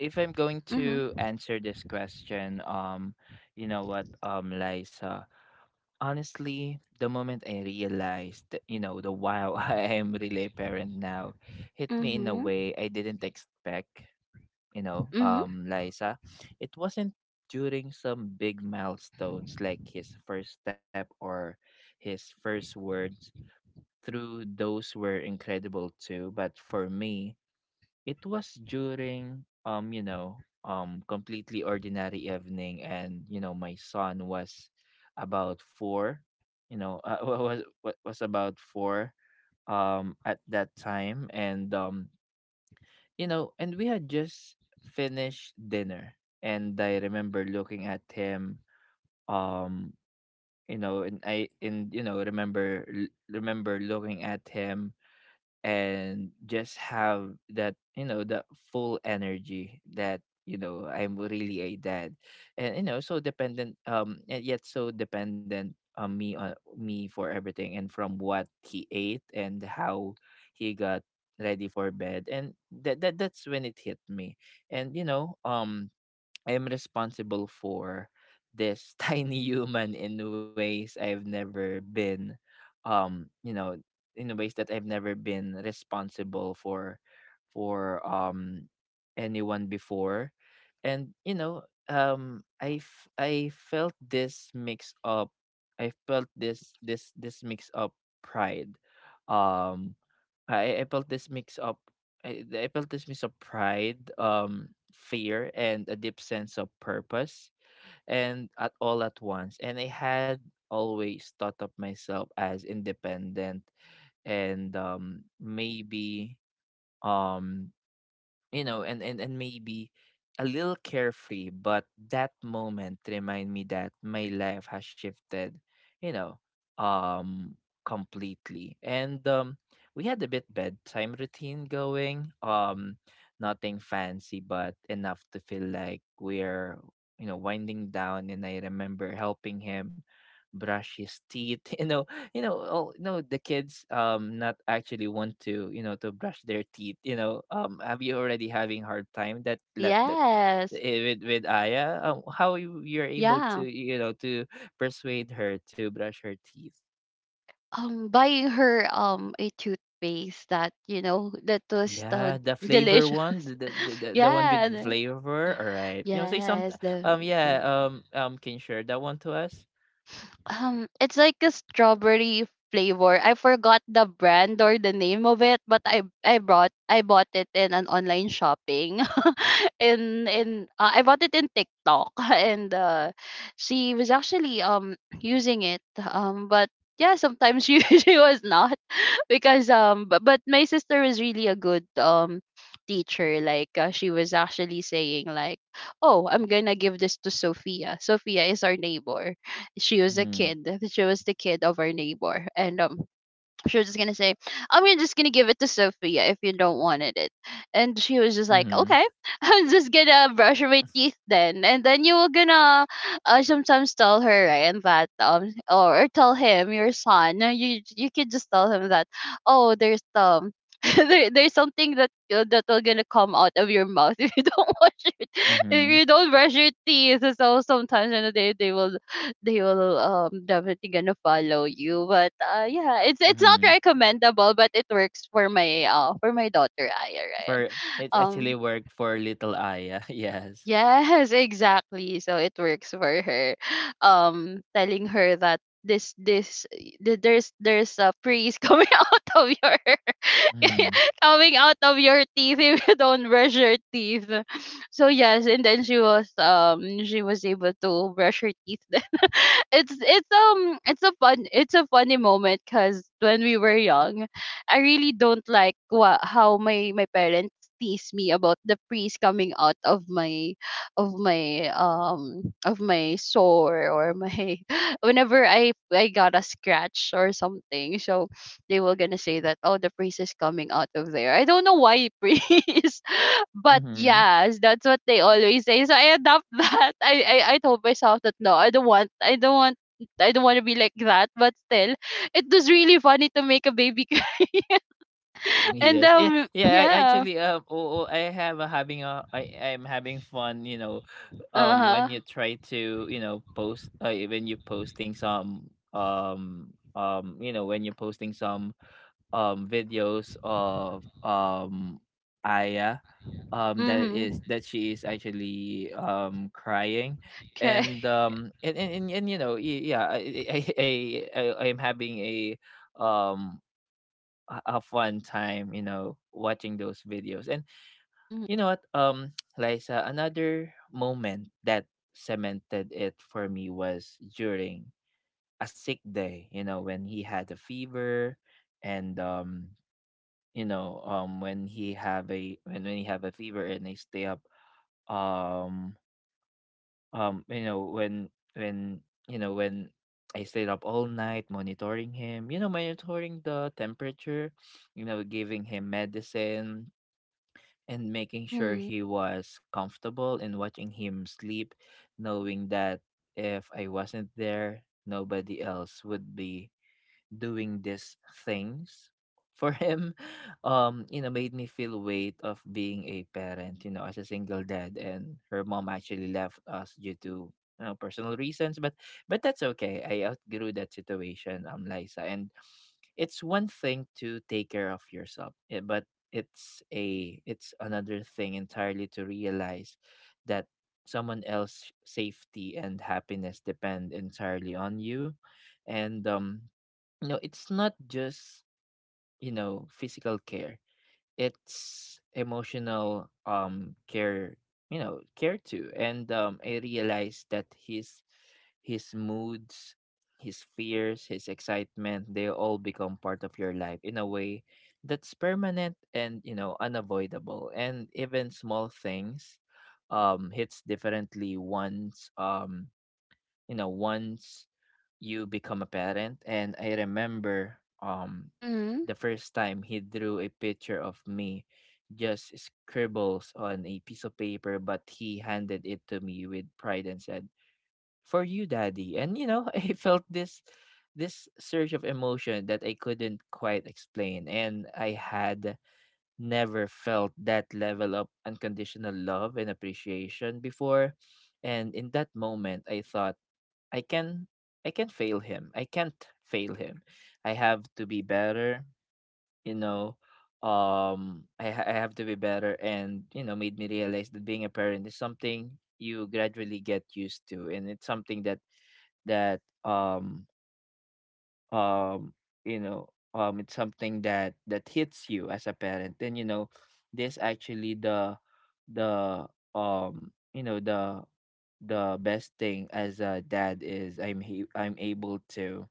A: if I'm going
B: Mhm.
A: to answer this question, um, you know what, um, Liza, honestly, the moment I realized that, you know, the wow, I am really a parent now, hit me in a
B: Mhm.
A: way I didn't expect, you know,
B: Mhm.
A: um, Liza. It wasn't during some big milestones like his first step or his first words. Through those were incredible too, but for me, it was during um, you know, um completely ordinary evening, and you know, my son was about four, you know, uh, wa- was wa- was about four um at that time, and um, you know, and we had just finished dinner, and I remember looking at him, um you know, and I and you know, remember remember looking at him, and just have that you know that full energy that you know I'm really a dad. And you know so dependent um and yet so dependent on me, on me for everything, and from what he ate and how he got ready for bed. And that, that that's when it hit me. And you know um I am responsible for this tiny human in ways I've never been, um, you know, in ways that I've never been responsible for for um anyone before. And you know um I f- I felt this mix up, I felt this this this mix up pride, um, I, I felt this mix of I, I felt this mix of pride, um, fear, and a deep sense of purpose, and at all at once. And I had always thought of myself as independent and um, maybe um you know and and, and maybe a little carefree, but that moment remind me that my life has shifted, you know um completely. And um we had a bit bedtime routine going, um nothing fancy but enough to feel like we're, you know winding down. And I remember helping him brush his teeth. you know you know all you know the kids um not actually want to, you know to brush their teeth, you know um have you already having hard time that that that
B: Yes.
A: eh, with with Aya, um, how you, you're able to,
B: Yeah.
A: you know to persuade her to brush her teeth?
B: Um buying her um a toothpaste that you know that was, uh,
A: Yeah, the flavor one,
B: delicious.
A: the the, the, the the one
B: Yeah,
A: with
B: and
A: flavor, all right? you know say some
B: yes,
A: um Yeah.
B: definitely.
A: Um um can you share that one to us?
B: Um, it's like a strawberry flavor. I forgot the brand or the name of it, but I I brought I bought it in an online shopping. in in uh, I bought it in TikTok and uh, she was actually um using it. Um, but yeah, sometimes she she was not, because um but, but my sister was really a good um teacher. Like uh, she was actually saying like, oh, I'm gonna give this to Sophia. Sophia is our neighbor. She was a
A: Mm.
B: kid. She was the kid of our neighbor, and um, she was just gonna say, "I'm gonna- just gonna give it to Sophia if you don't wanted it," and she was just
A: Mm-hmm.
B: like, "Okay, I'm just gonna brush my teeth then," and then you were gonna, uh, sometimes tell her, right? And that um or tell him your son, uh, you you could just tell him that, oh, there's um. there, there's something that, uh, that will gonna come out of your mouth if you don't wash it, if
A: Mm-hmm.
B: you don't brush your teeth. So sometimes, you know, they they will they will um definitely gonna follow you. But uh yeah, it's it's not
A: Mm-hmm.
B: recommendable, but it works for my, uh for my daughter Aya, right?
A: for It actually
B: Um,
A: worked for little Aya. Yes.
B: yes, exactly. So it works for her. Um, telling her that this this th- there's there's a praise coming out of your
A: Mm.
B: coming out of your teeth if you don't brush your teeth. So yes, and then she was um she was able to brush her teeth. Then it's it's um it's a fun it's a funny moment, because when we were young, I really don't like what how my my parents tease me about the priest coming out of my of my um of my sore, or my whenever I I got a scratch or something. So they were gonna say that, oh, the priest is coming out of there. I don't know why, priest, but
A: Mhm.
B: yes, that's what they always say, so I adopt that. I, I i told myself that no, I don't want I don't want, I don't want to be like that, but still, it was really funny to make a baby. And
A: Yes. Yeah,
B: um,
A: yeah, I
B: yeah,
A: actually um oh, oh I have a having a I I'm having fun, you know,
B: uh
A: um
B: huh,
A: when you try to, you know, post, uh, when you posting some um um you know, when you're posting some um videos of um Aya, um that is
B: mm-hmm.
A: that she is actually um crying.
B: Okay.
A: And um and and, and, and you know y- yeah, I I I I I am having a um a a fun time, you know, watching those videos. And
B: Mm-hmm.
A: you know what, um, Liza, another moment that cemented it for me was during a sick day, you know, when he had a fever. And um, you know, um When he have a when, when he have a fever and they stay up, um um you know when when you know when I stayed up all night monitoring him, you know, monitoring the temperature, you know, giving him medicine and making sure
B: Mm-hmm.
A: he was comfortable and watching him sleep, knowing that if I wasn't there, nobody else would be doing these things for him. Um, you know, made me feel weight of being a parent, you know, as a single dad. And her mom actually left us due to, you know, personal reasons, but but that's okay. I outgrew that situation, um Liza. And it's one thing to take care of yourself, eh, but it's a it's another thing entirely to realize that someone else's safety and happiness depend entirely on you. And um you know, it's not just, you know, physical care, it's emotional um care, you know, care too. And um I realized that his his moods, his fears, his excitement, they all become part of your life in a way that's permanent and, you know, unavoidable. And even small things um hits differently once, um you know, once you become a parent. And I remember, um
B: Mm-hmm.
A: the first time he drew a picture of me, just scribbles on a piece of paper, but he handed it to me with pride and said, "For you, daddy." And, you know, I felt this this surge of emotion that I couldn't quite explain. And I had never felt that level of unconditional love and appreciation before. And in that moment I thought, I can, I can fail him. I can't fail him. I have to be better, you know. Um I ha- I have to be better. And, you know, made me realize that being a parent is something you gradually get used to, and it's something that that um um you know um it's something that that hits you as a parent. And, you know, this actually the the um you know the the best thing as a dad is I'm he- I'm able to,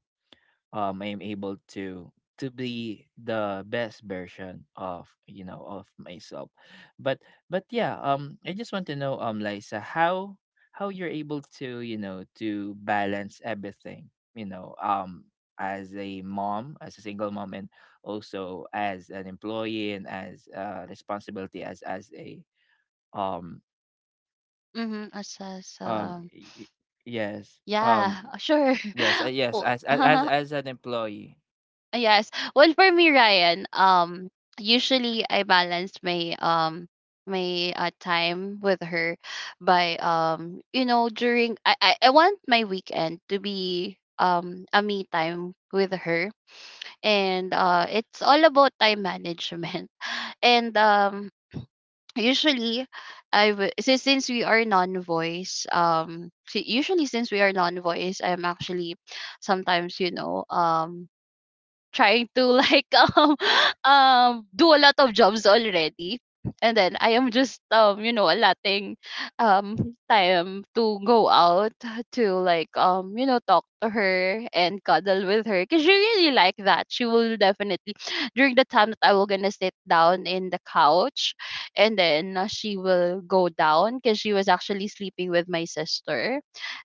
A: um I'm able to to be the best version of, you know, of myself. But but yeah, um I just want to know, um Liza, how how you're able to, you know, to balance everything, you know, um as a mom, as a single mom, and also as an employee, and as uh responsibility as as a um
B: Mm-hmm. Assess.
A: um
B: Um.
A: y- y- yes, um
B: Yeah. Sure.
A: yes, uh, yes,
B: Well,
A: as as as as an employee.
B: yes. Well, for me, Ryan, um, usually I balance my um my uh, time with her by um you know, during I, I I want my weekend to be um a me time with her, and uh it's all about time management. And um, usually, I w- so since we are non-voice, um si- usually since we are non-voice, I'm actually sometimes, you know, um trying to like um um do a lot of jobs already, and then I am just, um you know, allotting um time to go out to like, um you know, talk to her and cuddle with her, because she really like that. She will definitely during the time that I will gonna sit down in the couch, and then, uh, she will go down, because she was actually sleeping with my sister.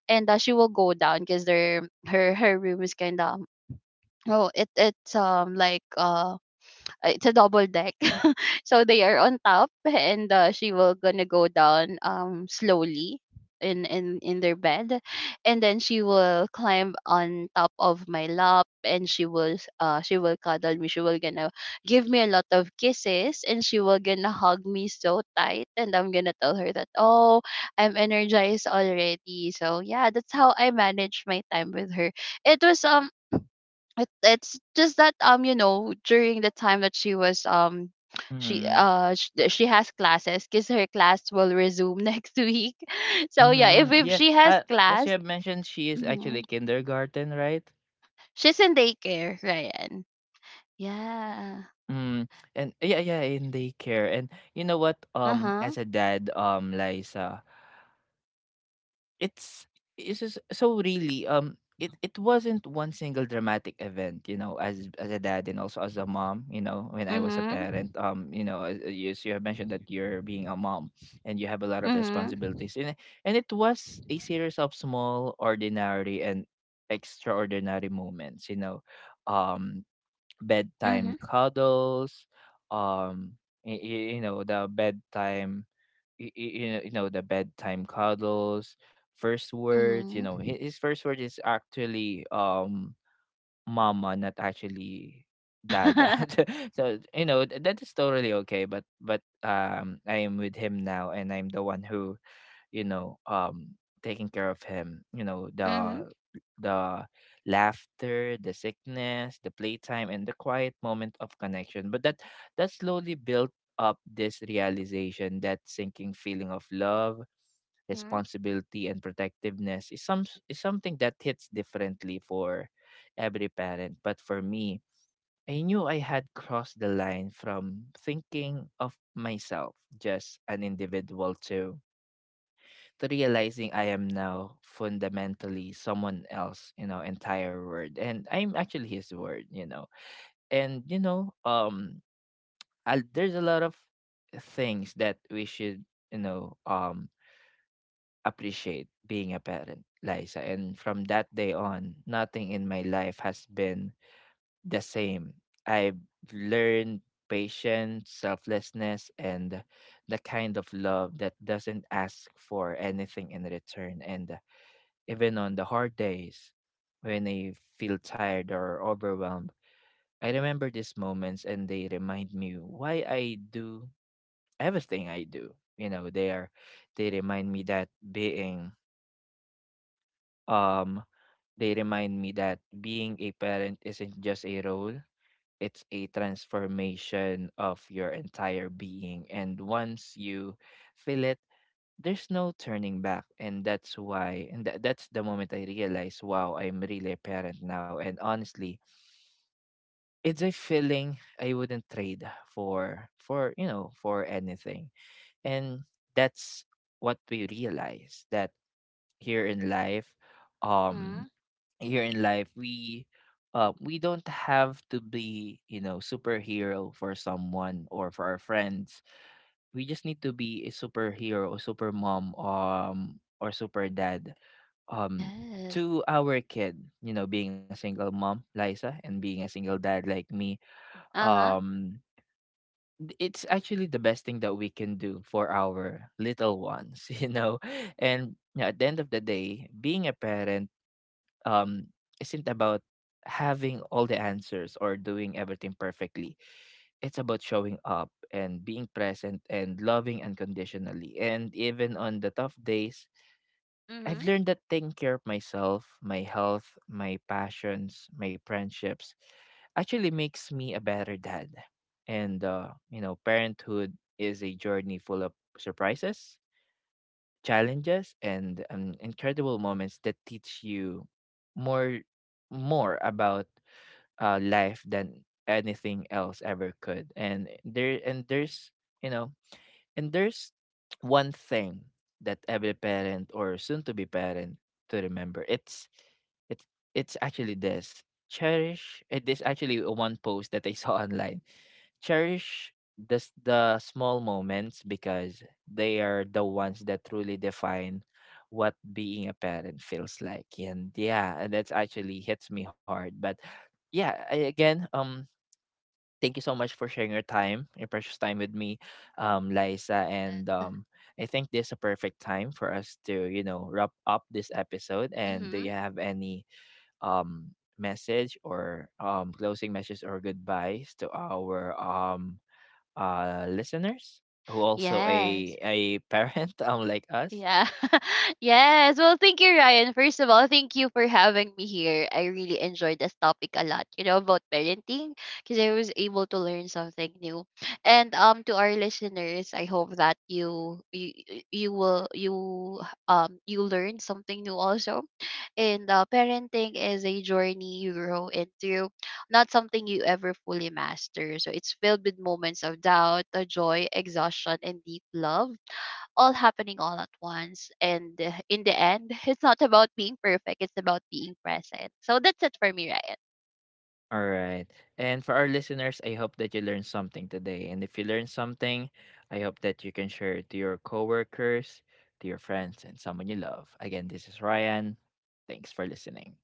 B: And uh, she will go down because their her her room is kind of, oh, it it's um like, uh it's a double deck. So they are on top, and uh, she will gonna go down um slowly in in in their bed, and then she will climb on top of my lap, and she will s- uh she will cuddle me, she will gonna give me a lot of kisses, and she will gonna hug me so tight, and I'm gonna tell her that, oh, I'm energized already. So yeah, that's how I manage my time with her. It was um it, it's just that, um you know, during the time that she was um she
A: Mm-hmm.
B: uh sh- th- she has classes, because her class will resume next week. So yeah, if,
A: Mhm,
B: if
A: yeah,
B: she has
A: uh, as you
B: class.
A: have mentioned, she is
B: Mhm.
A: actually kindergarten, right?
B: She's in daycare, Ryan. Yeah.
A: Mm, and yeah, yeah, in daycare. And you know what? Um,
B: Uh-huh.
A: as a dad, um, Liza, it's it's just so really um it it wasn't one single dramatic event, you know, as as a dad and also as a mom. You know, when I was a parent,
B: Mm-hmm.
A: um you know, as, you, so you have mentioned that you're being a mom and you have a lot of
B: Mm-hmm.
A: responsibilities. And it- and it was a series of small, ordinary and extraordinary moments, you know, um bedtime
B: Mm-hmm.
A: cuddles, um you, you know the bedtime, y- y- you know, you know, the bedtime cuddles, first words. You know,
B: Mm-hmm.
A: hi- his first word is actually um "mama," not actually "dada." So you know th- that is totally okay. But but um, I am with him now, and I'm the one who, you know, um taking care of him, you know,
B: Mm-hmm.
A: the the laughter, the sickness, the playtime, and the quiet moment of connection. But that that slowly built up this realization, that sinking feeling of love,
B: Mm-hmm.
A: responsibility, and protectiveness is some is something that hits differently for every parent. But for me, I knew I had crossed the line from thinking of myself just an individual to to realizing I am now fundamentally someone else, you know, entire word. And I'm actually his word, you know. And, you know, um, I, there's a lot of things that we should, you know, um, appreciate being a parent, Liza. And from that day on, nothing in my life has been the same. I've learned patience, selflessness, and the kind of love that doesn't ask for anything in return. And even on the hard days, when I feel tired or overwhelmed, I remember these moments and they remind me why I do everything I do. You know, they are they remind me that being um they remind me that being a parent isn't just a role, it's a transformation of your entire being. And once you feel it, there's no turning back. and that's why and tha- that's the moment I realized, wow, I'm really a parent now. And honestly, it's a feeling I wouldn't trade for for you know, for anything. And that's what we realize, that here in life, um
B: Mm-hmm.
A: here in life, we uh, we don't have to be, you know, superhero for someone or for our friends. We just need to be a superhero, super mom, um or super dad, um
B: Yes.
A: to our kid. You know, being a single mom, Liza, and being a single dad like me,
B: Uh-huh.
A: um th- it's actually the best thing that we can do for our little ones. You know, and yeah, at the end of the day, being a parent, um isn't about having all the answers or doing everything perfectly. It's about showing up and being present and loving unconditionally. And even on the tough days,
B: Mm-hmm.
A: I've learned that taking care of myself, my health, my passions, my friendships actually makes me a better dad. And, uh, you know, parenthood is a journey full of surprises, challenges, and um, incredible moments that teach you more more about, uh, life than anything else ever could. And there and there's, you know, and there's one thing that every parent or soon to be parent to remember. It's it's it's actually this. Cherish, eh, this actually a one post that I saw online. Cherish the s- the small moments, because they are the ones that truly define what being a parent feels like. And yeah, and that's actually hits me hard. But yeah, I, again, um thank you so much for sharing your time, your precious time with me, um, Liza. And um, I think this is a perfect time for us to, you know, wrap up this episode. And do
B: Hmm.
A: you have any um, message or um, closing message or goodbyes to our um, uh, listeners who also a
B: Yes.
A: a parent um, like us?
B: Yeah. Yes. Well, thank you, Ryan. First of all, thank you for having me here. I really enjoyed this topic a lot, you know, about parenting, because I was able to learn something new. And um, to our listeners, I hope that you you you you will you um you learn something new also. And uh, parenting is a journey you grow into, not something you ever fully master. So it's filled with moments of doubt, uh, joy, exhaustion, and deep love, all happening all at once. And uh, in the end, it's not about being perfect, it's about being present. So that's it for me, Ryan.
A: All right. And for our listeners, I hope that you learned something today. And if you learned something, I hope that you can share it to your coworkers, to your friends, and someone you love. Again, this is Ryan. Thanks for listening.